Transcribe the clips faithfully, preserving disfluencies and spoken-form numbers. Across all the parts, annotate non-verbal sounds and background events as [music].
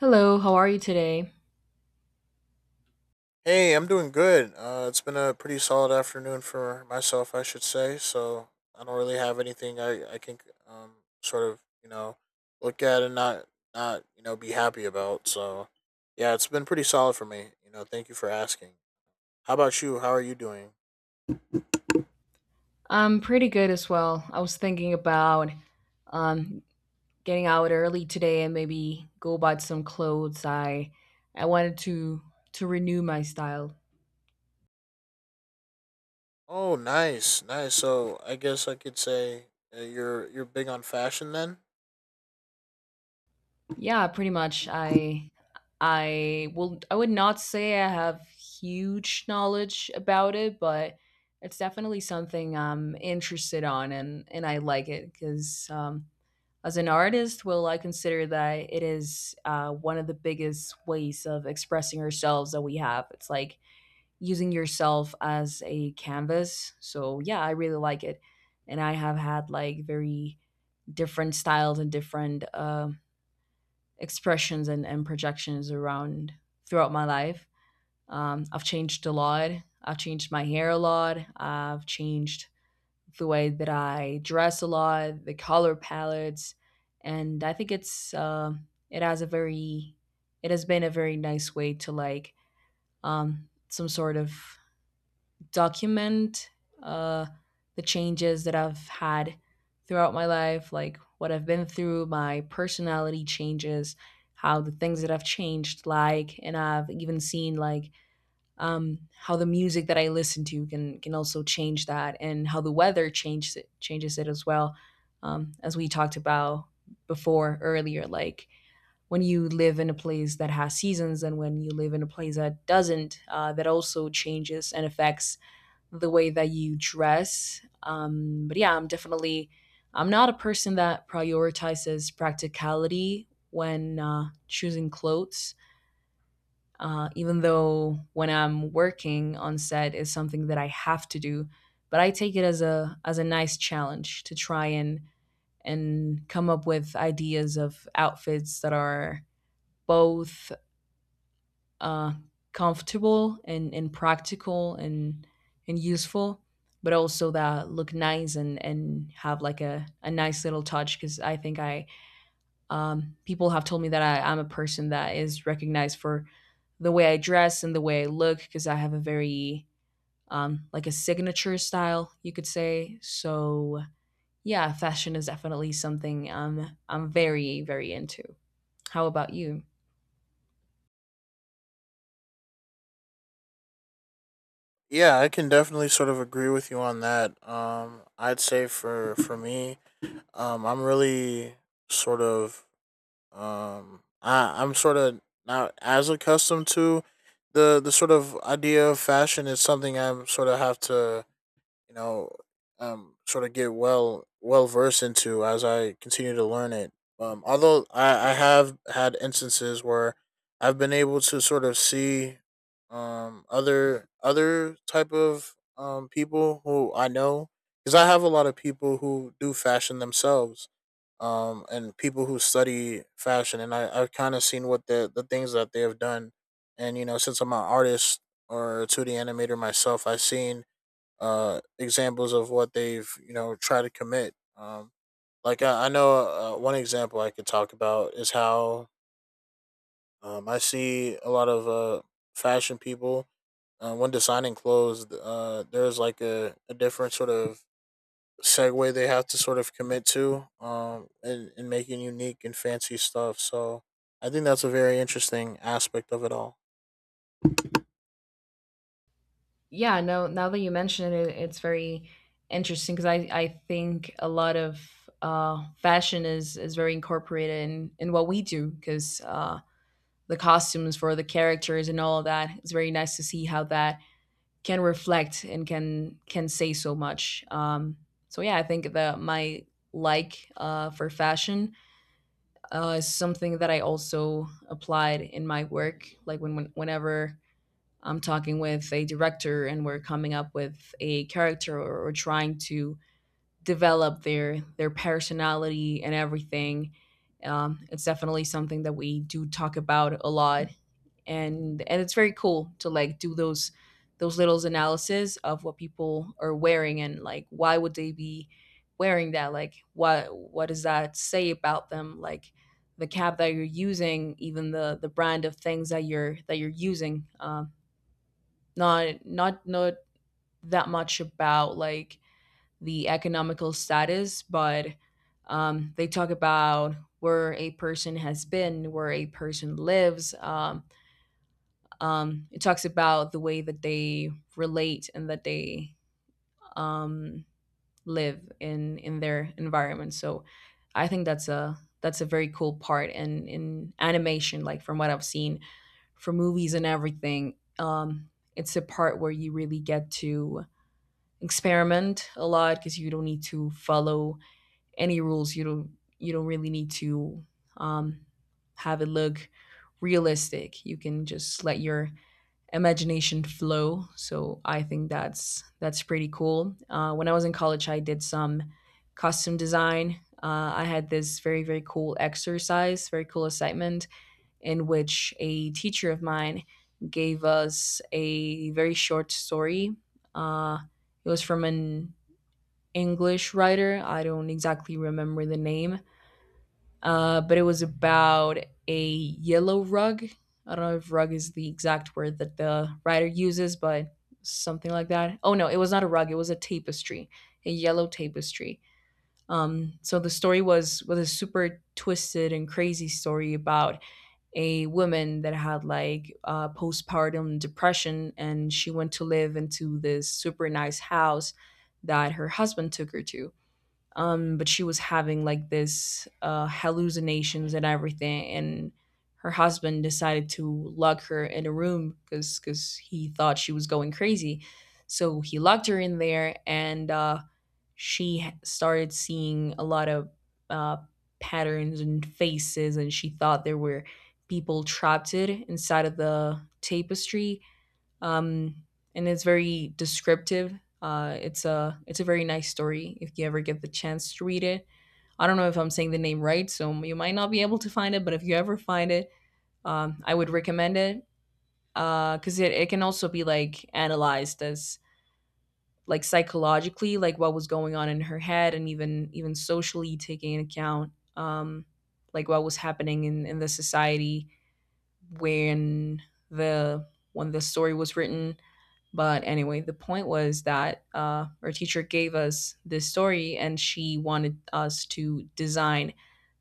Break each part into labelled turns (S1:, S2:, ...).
S1: Hello, how are you today?
S2: Hey, I'm doing good. Uh, it's been a pretty solid afternoon for myself, I should say. So I don't really have anything I I can um sort of you know look at and not not you know be happy about. So yeah, it's been pretty solid for me. You know, thank you for asking. How about you? How are you doing?
S1: I'm pretty good as well. I was thinking about um, getting out early today and maybe go buy some clothes. I I wanted to to renew my style.
S2: Oh, nice, nice. So I guess I could say, uh, you're you're big on fashion then.
S1: Yeah, pretty much. I I will I would not say I have huge knowledge about it, but it's definitely something I'm interested on and and I like it because um, as an artist, well, I consider that it is uh, one of the biggest ways of expressing ourselves that we have. It's like using yourself as a canvas. So, yeah, I really like it. And I have had like very different styles and different uh, expressions and, and projections around throughout my life. Um, I've changed a lot. I've changed my hair a lot. I've changed the way that I dress a lot, the color palettes, and I think it's uh, it has a very it has been a very nice way to like um, some sort of document uh, the changes that I've had throughout my life, like what I've been through, my personality changes, how the things that I've changed like, and I've even seen like um, how the music that I listen to can can also change that, and how the weather changes it changes it as well. Um, as we talked about before earlier, like when you live in a place that has seasons and when you live in a place that doesn't, uh, that also changes and affects the way that you dress. Um, but yeah, I'm definitely I'm not a person that prioritizes practicality when uh, choosing clothes uh, even though when I'm working on set is something that I have to do. But I take it as a as a nice challenge to try and and come up with ideas of outfits that are both uh, comfortable and, and practical and and useful, but also that look nice and and have like a, a nice little touch because I think I um, people have told me that I, I'm a person that is recognized for the way I dress and the way I look because I have a very um, like a signature style, you could say. So yeah, fashion is definitely something um, I'm very very into. How about you?
S2: Yeah, I can definitely sort of agree with you on that. Um, I'd say for for me. Um, I'm really sort of um, I I'm sort of not as accustomed to the the sort of idea of fashion. Is something I sort of have to, you know, um, sort of get well well versed into as I continue to learn it. Um, although I, I have had instances where I've been able to sort of see um other other type of um people who I know, because I have a lot of people who do fashion themselves um and people who study fashion, and I, I've kind of seen what the the things that they have done. And you know, since I'm an artist or a two D animator myself, I've seen uh, examples of what they've you know tried to commit. Um, like I, I know, uh, one example I could talk about is how, um, I see a lot of uh, fashion people, uh, when designing clothes. Uh, there's like a, a different sort of segue they have to sort of commit to, um, in, in making unique and fancy stuff. So I think that's a very interesting aspect of it all.
S1: Yeah, no, now that you mention it, it's very interesting because i i think a lot of uh fashion is is very incorporated in in what we do because uh the costumes for the characters and all of that, it's very nice to see how that can reflect and can can say so much. Um so yeah, I think that my like uh for fashion uh is something that I also applied in my work like when, when whenever I'm talking with a director and we're coming up with a character or, or trying to develop their their personality and everything. Um, it's definitely something that we do talk about a lot, and and it's very cool to like do those those little analysis of what people are wearing and like why would they be wearing that? Like what what does that say about them? Like the cap that you're using, even the the brand of things that you're that you're using. Um, not not not that much about like the economical status, but um, they talk about where a person has been, where a person lives. Um, um, it talks about the way that they relate and that they um, live in in their environment. So I think that's a that's a very cool part. And in animation, like from what I've seen, for movies and everything, um, it's a part where you really get to experiment a lot because you don't need to follow any rules. You don't you don't really need to um, have it look realistic. You can just let your imagination flow. So I think that's that's pretty cool. Uh, when I was in college, I did some costume design. Uh, I had this very very cool exercise, very cool assignment in which a teacher of mine gave us a very short story. Uh, it was from an English writer. I don't exactly remember the name, uh, but it was about a yellow rug. I don't know if rug is the exact word that the writer uses, but something like that. Oh no, it was not a rug. It was a tapestry, a yellow tapestry. Um, so the story was was a super twisted and crazy story about a woman that had like uh, postpartum depression, and she went to live into this super nice house that her husband took her to, um but she was having like this uh hallucinations and everything, and her husband decided to lock her in a room because because he thought she was going crazy, so he locked her in there, and uh she h- started seeing a lot of uh patterns and faces, and she thought there were people trapped it inside of the tapestry, um, and it's very descriptive. Uh, it's a it's a very nice story if you ever get the chance to read it. I don't know if I'm saying the name right, so you might not be able to find it. But if you ever find it, um, I would recommend it because uh, it, it can also be like analyzed as like psychologically, like what was going on in her head, and even even socially, taking into account um, like what was happening in, in the society when the when the story was written. But anyway, the point was that uh, our teacher gave us this story and she wanted us to design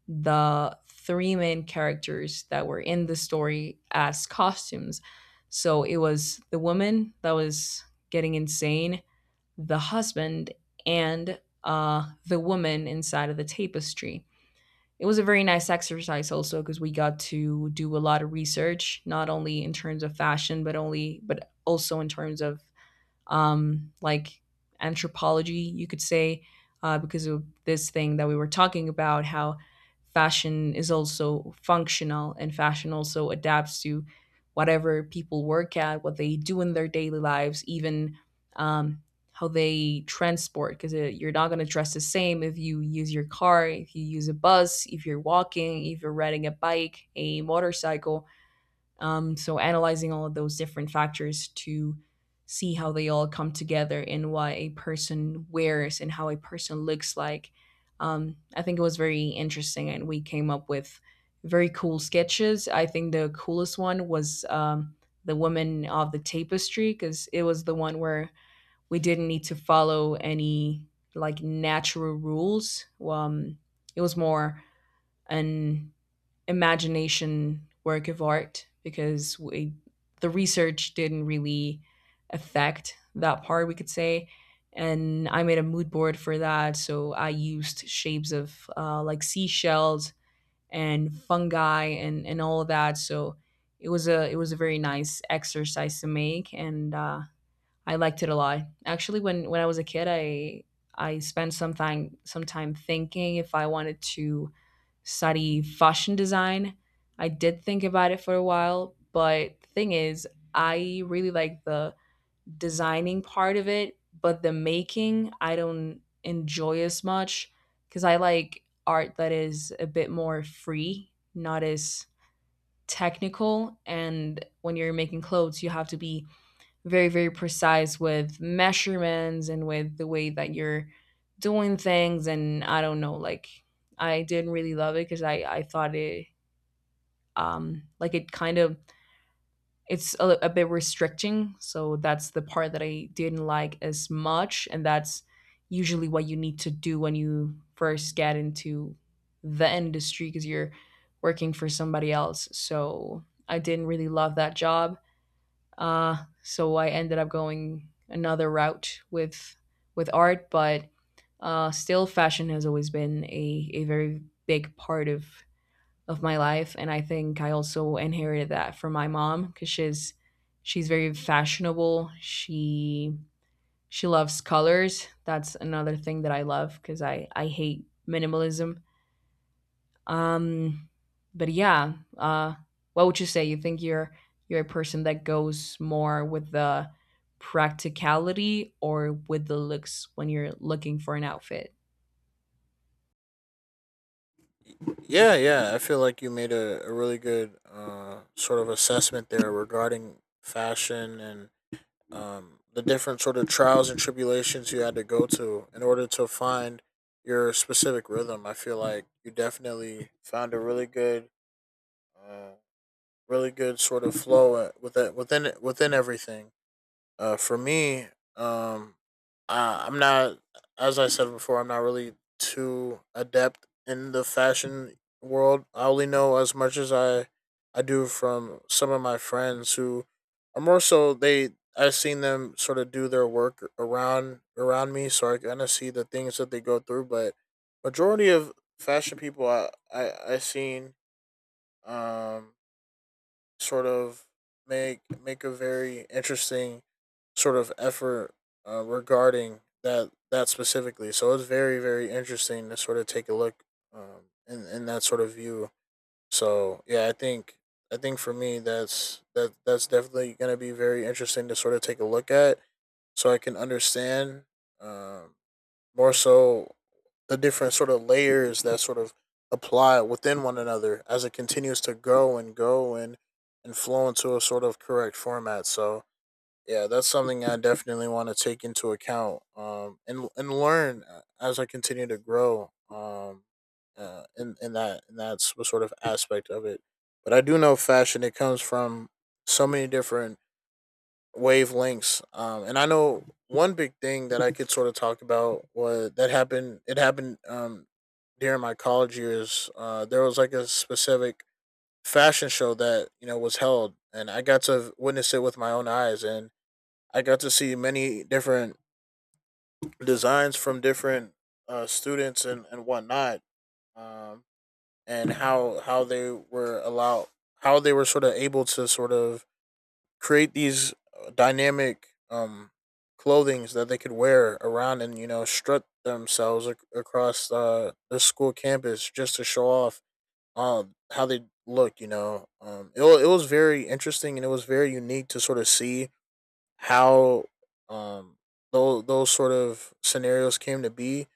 S1: the three main characters that were in the story as costumes. So it was the woman that was getting insane, the husband, and uh, the woman inside of the tapestry. It was a very nice exercise also because we got to do a lot of research, not only in terms of fashion, but only but also in terms of um, like anthropology, you could say, uh, because of this thing that we were talking about, how fashion is also functional and fashion also adapts to whatever people work at, what they do in their daily lives, even um, how they transport, because you're not going to dress the same if you use your car, if you use a bus, if you're walking, if you're riding a bike, a motorcycle. Um, so analyzing all of those different factors to see how they all come together and what a person wears and how a person looks like. Um, I think it was very interesting, and we came up with very cool sketches. I think the coolest one was um, the woman of the tapestry because it was the one where we didn't need to follow any like natural rules. Well, Um, it was more an imagination work of art because we, the research didn't really affect that part, we could say. And I made a mood board for that. So I used shapes of uh, like seashells and fungi and, and all of that. So it was a it was a very nice exercise to make, and uh, I liked it a lot. Actually, when when I was a kid, I I spent some time some time thinking if I wanted to study fashion design. I did think about it for a while, but thing is, I really like the designing part of it, but the making I don't enjoy as much because I like art that is a bit more free, not as technical. And when you're making clothes, you have to be very very precise with measurements and with the way that you're doing things, and I don't know, like I didn't really love it because i i thought it um like it kind of, it's a, a bit restricting, so that's the part that I didn't like as much, and that's usually what you need to do when you first get into the industry because you're working for somebody else. So I didn't really love that job, uh, so I ended up going another route with with art, but uh, still fashion has always been a, a very big part of of my life, and I think I also inherited that from my mom because she's she's very fashionable. She she loves colors. That's another thing that I love because I I hate minimalism. um, but yeah, uh, what would you say? You think you're you're a person that goes more with the practicality or with the looks when you're looking for an outfit?
S2: Yeah, yeah. I feel like you made a, a really good, uh, sort of assessment there regarding fashion and, um, the different sort of trials and tribulations you had to go to in order to find your specific rhythm. I feel like you definitely found a really good, uh, really good sort of flow, uh, within within within everything. Uh, for me, um, I, I'm not, as I said before, I'm not really too adept in the fashion world. I only know as much as I, I do from some of my friends who are more so they. I've seen them sort of do their work around around me, so I kind of see the things that they go through. But majority of fashion people I I I seen um sort of make make a very interesting sort of effort, uh, regarding that that specifically. So it's very very interesting to sort of take a look, um, in in that sort of view. So yeah, I think I think for me that's that that's definitely going to be very interesting to sort of take a look at, so I can understand, um, more so the different sort of layers that sort of apply within one another as it continues to grow and go and and flow into a sort of correct format. So yeah, that's something I definitely want to take into account, um and and learn, uh, as I continue to grow um uh in, in that in that s- sort of aspect of it. But I do know fashion, it comes from so many different wavelengths. Um and I know one big thing that I could sort of talk about was that happened it happened um during my college years. Uh there was like a specific fashion show that, you know, was held, and I got to witness it with my own eyes, and I got to see many different designs from different, uh, students and, and whatnot. um, and how how they were allowed, how they were sort of able to sort of create these, uh, dynamic um, clothings that they could wear around, and you know, strut themselves ac- across, uh, the school campus just to show off, um, how they look. You know, um, it wa- it was very interesting, and it was very unique to sort of see how, um those those sort of scenarios came to be.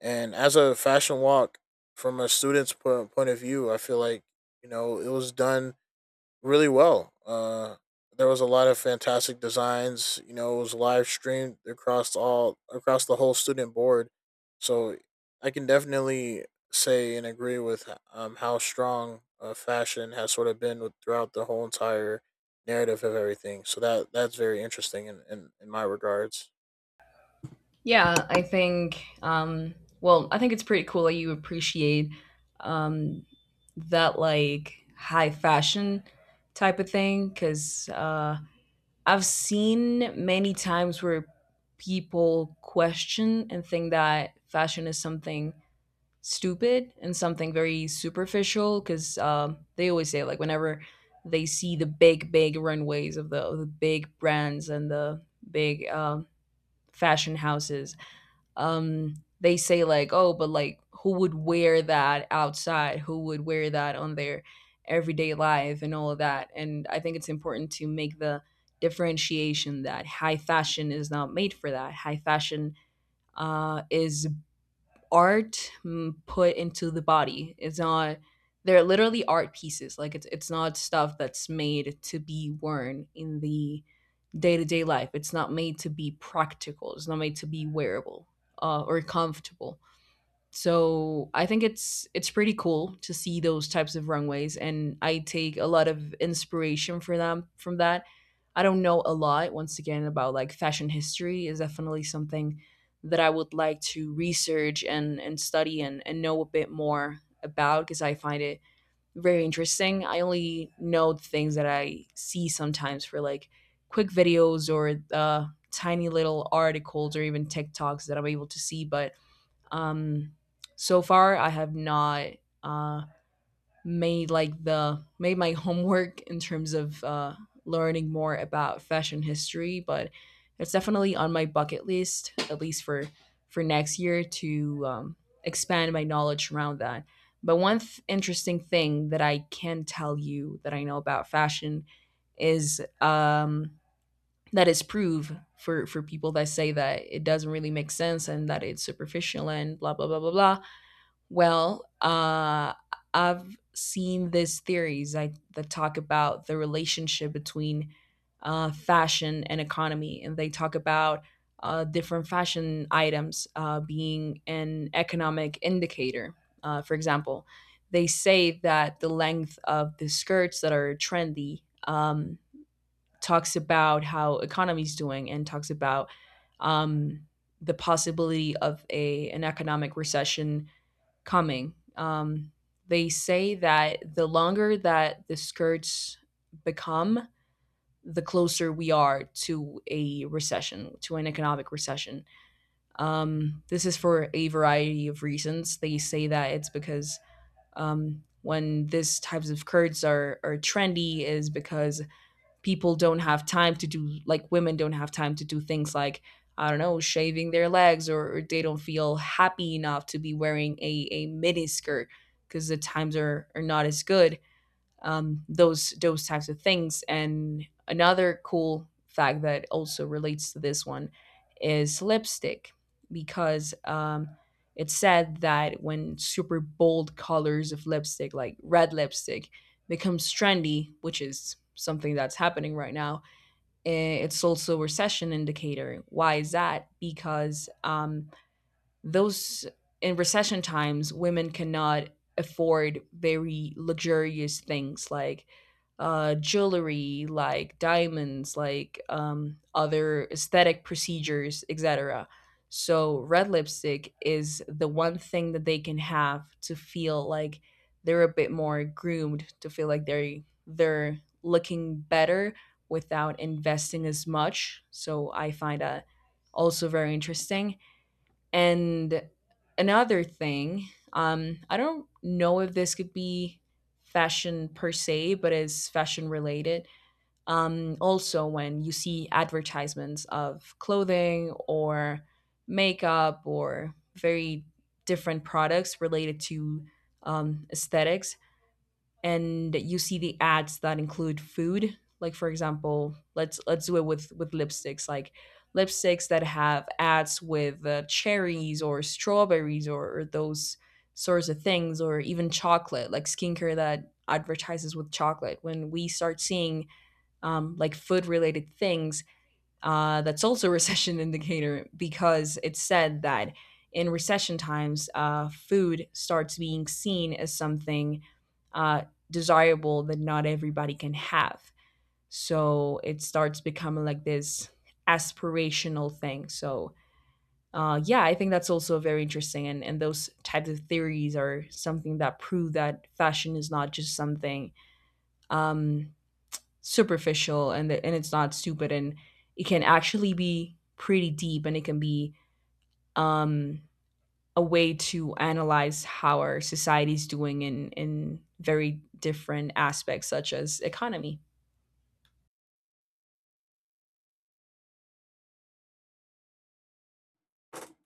S2: And as a fashion walk from a student's po- point of view, I feel like, you know, it was done really well. Uh, there was a lot of fantastic designs. You know, it was live streamed across, all across the whole student board. So I can definitely say and agree with, um, how strong, uh, fashion has sort of been with, throughout the whole entire narrative of everything. So that that's very interesting in, in, in my regards.
S1: Yeah, I think, um, well, I think it's pretty cool that you appreciate um, that like high fashion type of thing because uh, I've seen many times where people question and think that fashion is something stupid and something very superficial because um, they always say like whenever they see the big big runways of the, of the big brands and the big um, fashion houses um they say like, oh, but like who would wear that outside, who would wear that on their everyday life and all of that. And I think it's important to make the differentiation that high fashion is not made for that. High fashion uh, is art, mm, put into the body. It's not, they're literally art pieces. Like, it's it's not stuff that's made to be worn in the day-to-day life. It's not made to be practical. It's not made to be wearable uh, or comfortable. So I think it's it's pretty cool to see those types of runways, and I take a lot of inspiration for them from that. I don't know a lot, once again, about like fashion history. Is definitely something that I would like to research and and study and and know a bit more about because I find it very interesting. I only know the things that I see sometimes for like quick videos or uh, tiny little articles or even TikToks that I'm able to see. But um, so far, I have not uh, made like the made my [laughs] homework in terms of uh, learning more about fashion history, but it's definitely on my bucket list, at least for for next year to um, expand my knowledge around that. But one th- interesting thing that I can tell you that I know about fashion is um, that is proof for for people that say that it doesn't really make sense and that it's superficial and blah blah blah blah blah. Well, uh, I've seen these theories like that talk about the relationship between uh, fashion and economy, and they talk about uh, different fashion items uh, being an economic indicator. Uh, for example, they say that the length of the skirts that are trendy um, talks about how economy's doing and talks about um, the possibility of a an economic recession coming. Um, they say that the longer that the skirts become, the closer we are to a recession, to an economic recession. Um, this is for a variety of reasons. They say that it's because um, when these types of skirts are, are trendy, is because people don't have time to do, like, women don't have time to do things like, I don't know, shaving their legs, or or they don't feel happy enough to be wearing a, a miniskirt because the times are, are not as good. um, those those types of things. And another cool fact that also relates to this one is lipstick, because um, it's said that when super bold colors of lipstick, like red lipstick, becomes trendy, which is something that's happening right now, eh, it's also a recession indicator. Why is that? Because um, those in recession times women cannot afford very luxurious things like uh, jewelry, like diamonds, like um, other aesthetic procedures, etc. So red lipstick is the one thing that they can have to feel like they're a bit more groomed, to feel like they're they're looking better without investing as much. So I find that also very interesting. And another thing, um, I don't know if this could be fashion per se, but it's fashion related. Um, also, when you see advertisements of clothing or makeup or very different products related to um, aesthetics, and you see the ads that include food, like, for example, let's let's do it with with lipsticks, like lipsticks that have ads with uh, cherries or strawberries, or or those sorts of things, or even chocolate, like skincare that advertises with chocolate. When we start seeing um, like food related things, uh, that's also a recession [laughs] indicator, because it's said that in recession times, uh, food starts being seen as something uh, desirable that not everybody can have. So it starts becoming like this aspirational thing. So uh, yeah, I think that's also very interesting, and and those types of theories are something that prove that fashion is not just something um, superficial, and the, and it's not stupid, and it can actually be pretty deep, and it can be um a way to analyze how our society's doing in in very different aspects, such as economy.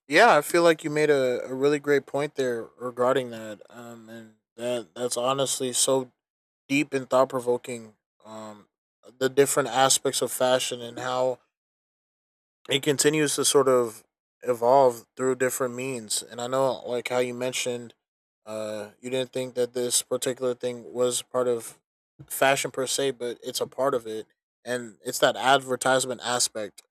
S2: Yeah, I feel like you made a, a really great point there regarding that. Um, and that that's honestly so deep and thought provoking. Um, the different aspects of fashion and how it continues to sort of evolve through different means. And I know, like how you mentioned, uh, you didn't think that this particular thing was part of fashion per se, but it's a part of it, and it's that advertisement aspect,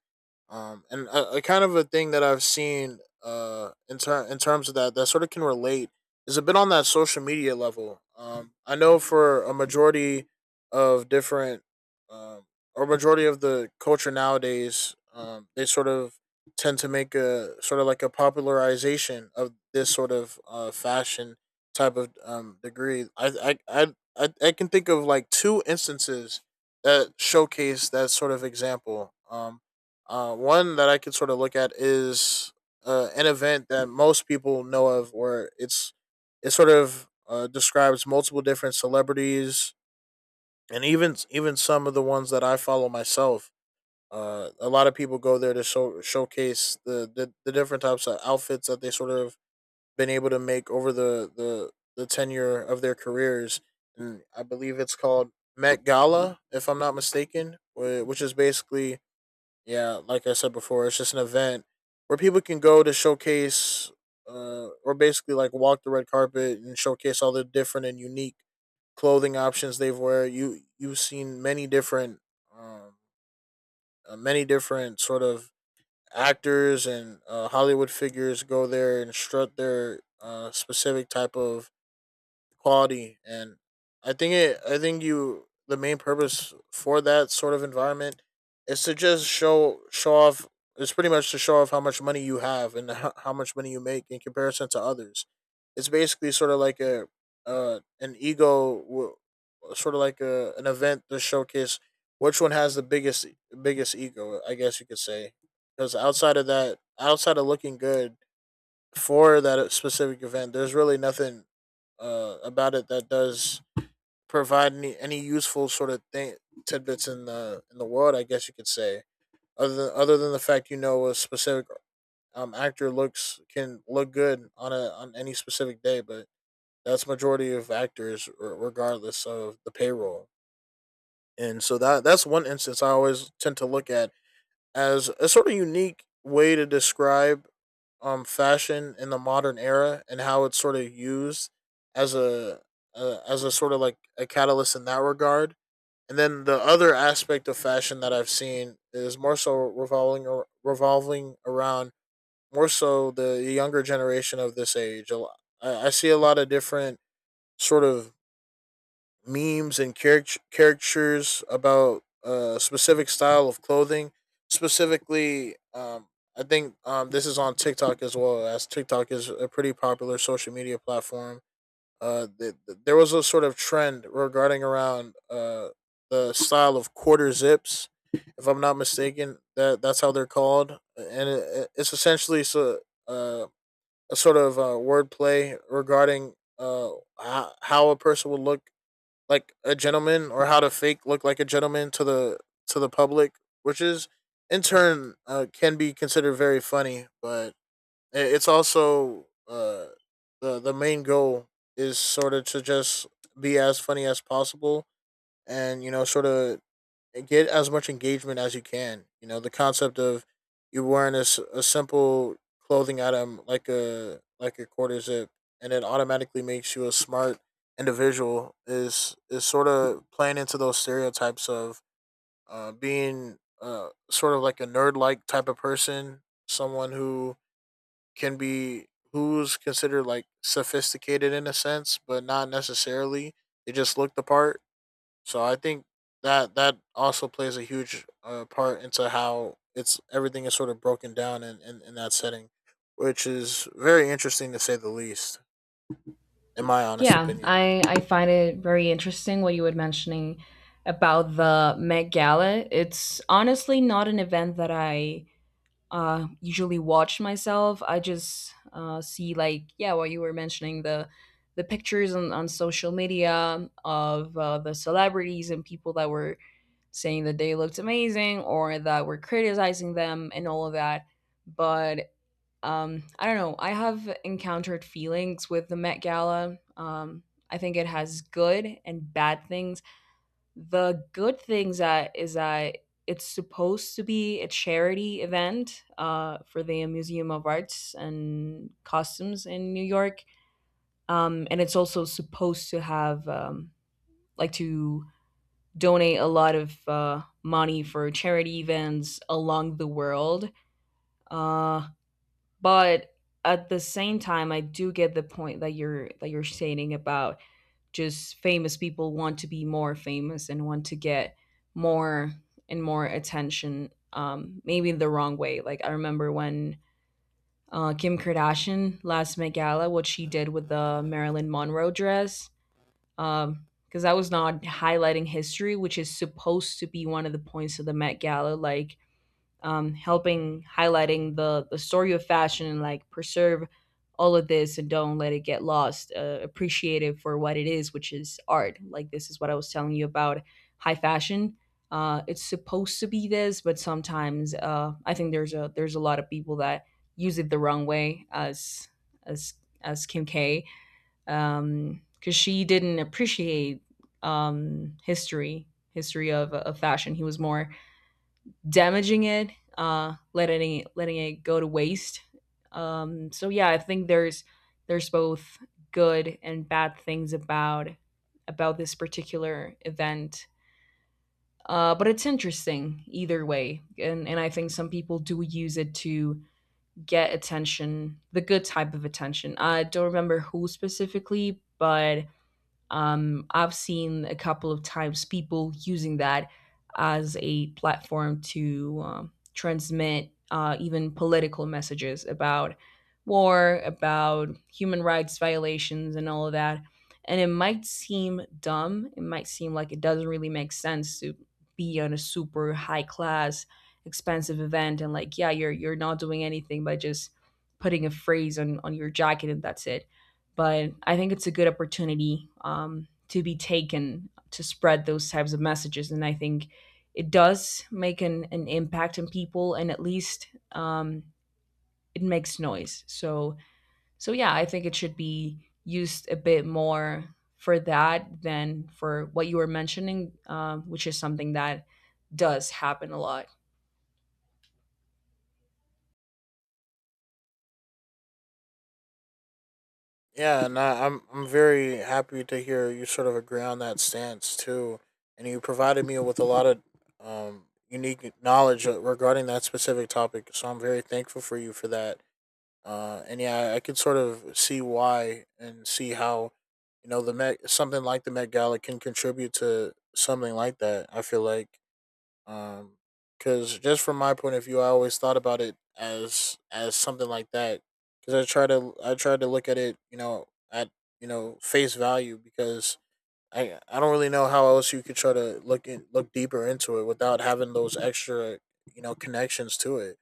S2: um, and a, a kind of a thing that I've seen uh in ter- in terms of that that sort of can relate is a bit on that social media level. Um, I know for a majority of different, um or majority of the culture nowadays, um, they sort of tend to make a sort of like a popularization of this sort of uh fashion type of um degree. I I I I, I can think of like two instances that showcase that sort of example. Um, uh, one that I could sort of look at is, uh, an event that most people know of, where it's, it sort of, uh, describes multiple different celebrities, and even even some of the ones that I follow myself. Uh, a lot of people go there to show, showcase the, the the different types of outfits that they sort of been able to make over the the the tenure of their careers. And I believe it's called Met Gala, if I'm not mistaken, which is basically, yeah, like I said before, it's just an event where people can go to showcase, uh, or basically like walk the red carpet and showcase all the different and unique clothing options they've wear. You you've seen many different, um, uh, many different sort of actors and, uh, Hollywood figures go there and strut their, uh, specific type of quality. And I think it I think you, the main purpose for that sort of environment is to just show show off. It's pretty much to show off how much money you have and how, how much money you make in comparison to others. It's basically sort of like a, uh an ego w- sort of like a, an event to showcase which one has the biggest biggest ego, I guess you could say. Because outside of that, outside of looking good for that specific event, there's really nothing, uh, about it that does provide any, any useful sort of thing tidbits in the in the world, I guess you could say. Other than, other than the fact, you know, a specific, um, actor looks can look good on a, on any specific day, but that's majority of actors, r- regardless of the payroll. And so that that's one instance I always tend to look at as a sort of unique way to describe, um fashion in the modern era and how it's sort of used as a, uh, as a sort of like a catalyst in that regard. And then the other aspect of fashion that I've seen is more so revolving, or revolving around more so the younger generation of this age. A I see a lot of different sort of memes and caric- caricatures about a specific style of clothing. Specifically, um, I think, um, this is on TikTok as well, as TikTok is a pretty popular social media platform. Uh, th- th- there was a sort of trend regarding around, uh, the style of quarter zips, if I'm not mistaken. That that's how they're called, and it, it's essentially so, uh, a sort of, uh, wordplay regarding, uh, how how a person would look like a gentleman, or how to fake look like a gentleman to the, to the public, which is, in turn, uh, can be considered very funny. But it's also, uh, the the main goal is sort of to just be as funny as possible, and you know, sort of and get as much engagement as you can. You know, the concept of you wearing a, a simple clothing item like a, like a quarter zip, and it automatically makes you a smart individual is is sort of playing into those stereotypes of, uh, being uh, sort of like a nerd like type of person, someone who can be who's considered like sophisticated in a sense, but not necessarily. They just look the part. So I think that that also plays a huge, uh, part into how it's, everything is sort of broken down in, in, in that setting, which is very interesting to say the least, in my honest
S1: Yeah,
S2: opinion.
S1: I, I find it very interesting what you were mentioning about the Met Gala. It's honestly not an event that I uh, usually watch myself. I just uh, see, like, yeah, what you were mentioning, the the pictures on, on social media of uh, the celebrities and people that were saying that they looked amazing or that were criticizing them and all of that. But um, I don't know. I have encountered feelings with the Met Gala. Um, I think it has good and bad things. The good things that is that it's supposed to be a charity event uh, for the Museum of Arts and Costumes in New York, um, and it's also supposed to have um, like to donate a lot of uh, money for charity events along the world. Uh, but at the same time, I do get the point that you're that you're stating about just famous people want to be more famous and want to get more and more attention, um maybe in the wrong way. Like, I remember when uh, Kim Kardashian last Met Gala, what she did with the Marilyn Monroe dress, um because that was not highlighting history, which is supposed to be one of the points of the Met Gala, like um, helping highlighting the the story of fashion and like preserve all of this and don't let it get lost. Uh, appreciate it for what it is, which is art. Like, this is what I was telling you about high fashion. Uh, it's supposed to be this, but sometimes uh, I think there's a there's a lot of people that use it the wrong way, as as as Kim K, um, because she didn't appreciate um, history, history of, of fashion. He was more damaging it, uh, letting it, letting it go to waste. Um, so yeah, I think there's there's both good and bad things about about this particular event. Uh, but it's interesting either way, and and I think some people do use it to get attention, the good type of attention. I don't remember who specifically, but um, I've seen a couple of times people using that as a platform to um, transmit uh, even political messages about war, about human rights violations, and all of that. And it might seem dumb. It might seem like it doesn't really make sense to be on a super high class, expensive event, and, like, yeah, you're you're not doing anything by just putting a phrase on on your jacket and that's it. But I think it's a good opportunity um, to be taken to spread those types of messages. And I think it does make an, an impact on people, and at least um, it makes noise. So, so yeah, I think it should be used a bit more for that than for what you were mentioning, um, which is something that does happen a lot.
S2: Yeah, and I, I'm I'm very happy to hear you sort of agree on that stance too, and you provided me with a lot of, um, unique knowledge regarding that specific topic. So I'm very thankful for you for that. Uh, and yeah, I could sort of see why and see how, you know, the Met, something like the Met Gala can contribute to something like that. I feel like, um, because just from my point of view, I always thought about it as as something like that. Because I try to I try to look at it, you know, at, you know, face value. Because I I don't really know how else you could try to look in, look deeper into it without having those extra, you know, connections to it.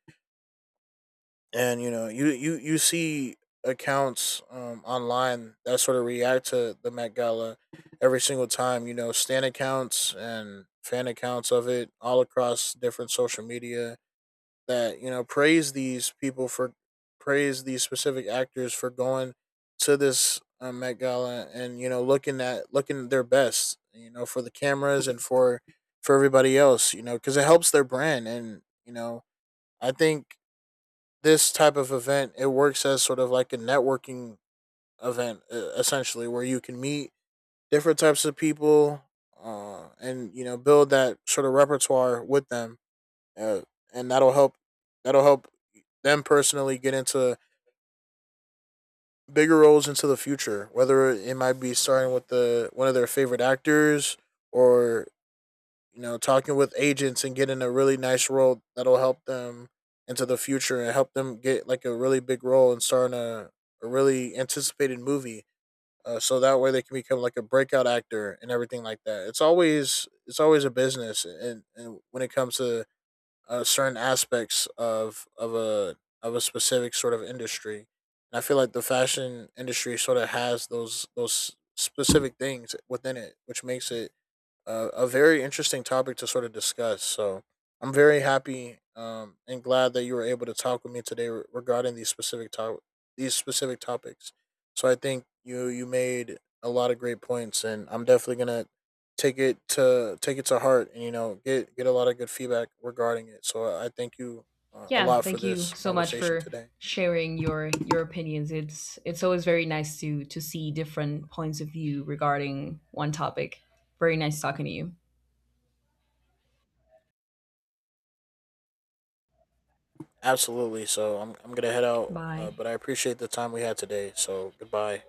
S2: And you know, you you you see accounts, um, online, that sort of react to the Met Gala every single time. You know, stan accounts and fan accounts of it, all across different social media, that you know, praise these people for praise these specific actors for going to this, um, Met Gala, and you know, looking at looking their best. You know, for the cameras and for for everybody else. You know, because it helps their brand, and you know, I think this type of event, it works as sort of like a networking event, e- essentially, where you can meet different types of people, uh, and you know, build that sort of repertoire with them, uh, and that'll help that'll help them personally get into bigger roles into the future, whether it might be starting with the one of their favorite actors, or you know, talking with agents and getting a really nice role that'll help them into the future and help them get like a really big role and starring a, a really anticipated movie. Uh, so that way they can become like a breakout actor and everything like that. It's always it's always a business. And, and when it comes to, uh, certain aspects of of a, of a specific sort of industry, and I feel like the fashion industry sort of has those those specific things within it, which makes it a, a very interesting topic to sort of discuss. So I'm very happy, um, and glad that you were able to talk with me today, re- regarding these specific to- these specific topics. So I think you you made a lot of great points, and I'm definitely gonna take it to take it to heart, and you know, get get a lot of good feedback regarding it. So I thank you, uh, a
S1: Yeah,
S2: lot for
S1: thank you
S2: this
S1: so much
S2: conversation
S1: for
S2: today.
S1: sharing your your opinions. It's it's always very nice to to see different points of view regarding one topic. Very nice talking to you.
S2: Absolutely. So I'm I'm gonna head out, uh,
S1: Bye.
S2: but I appreciate the time we had today. So goodbye.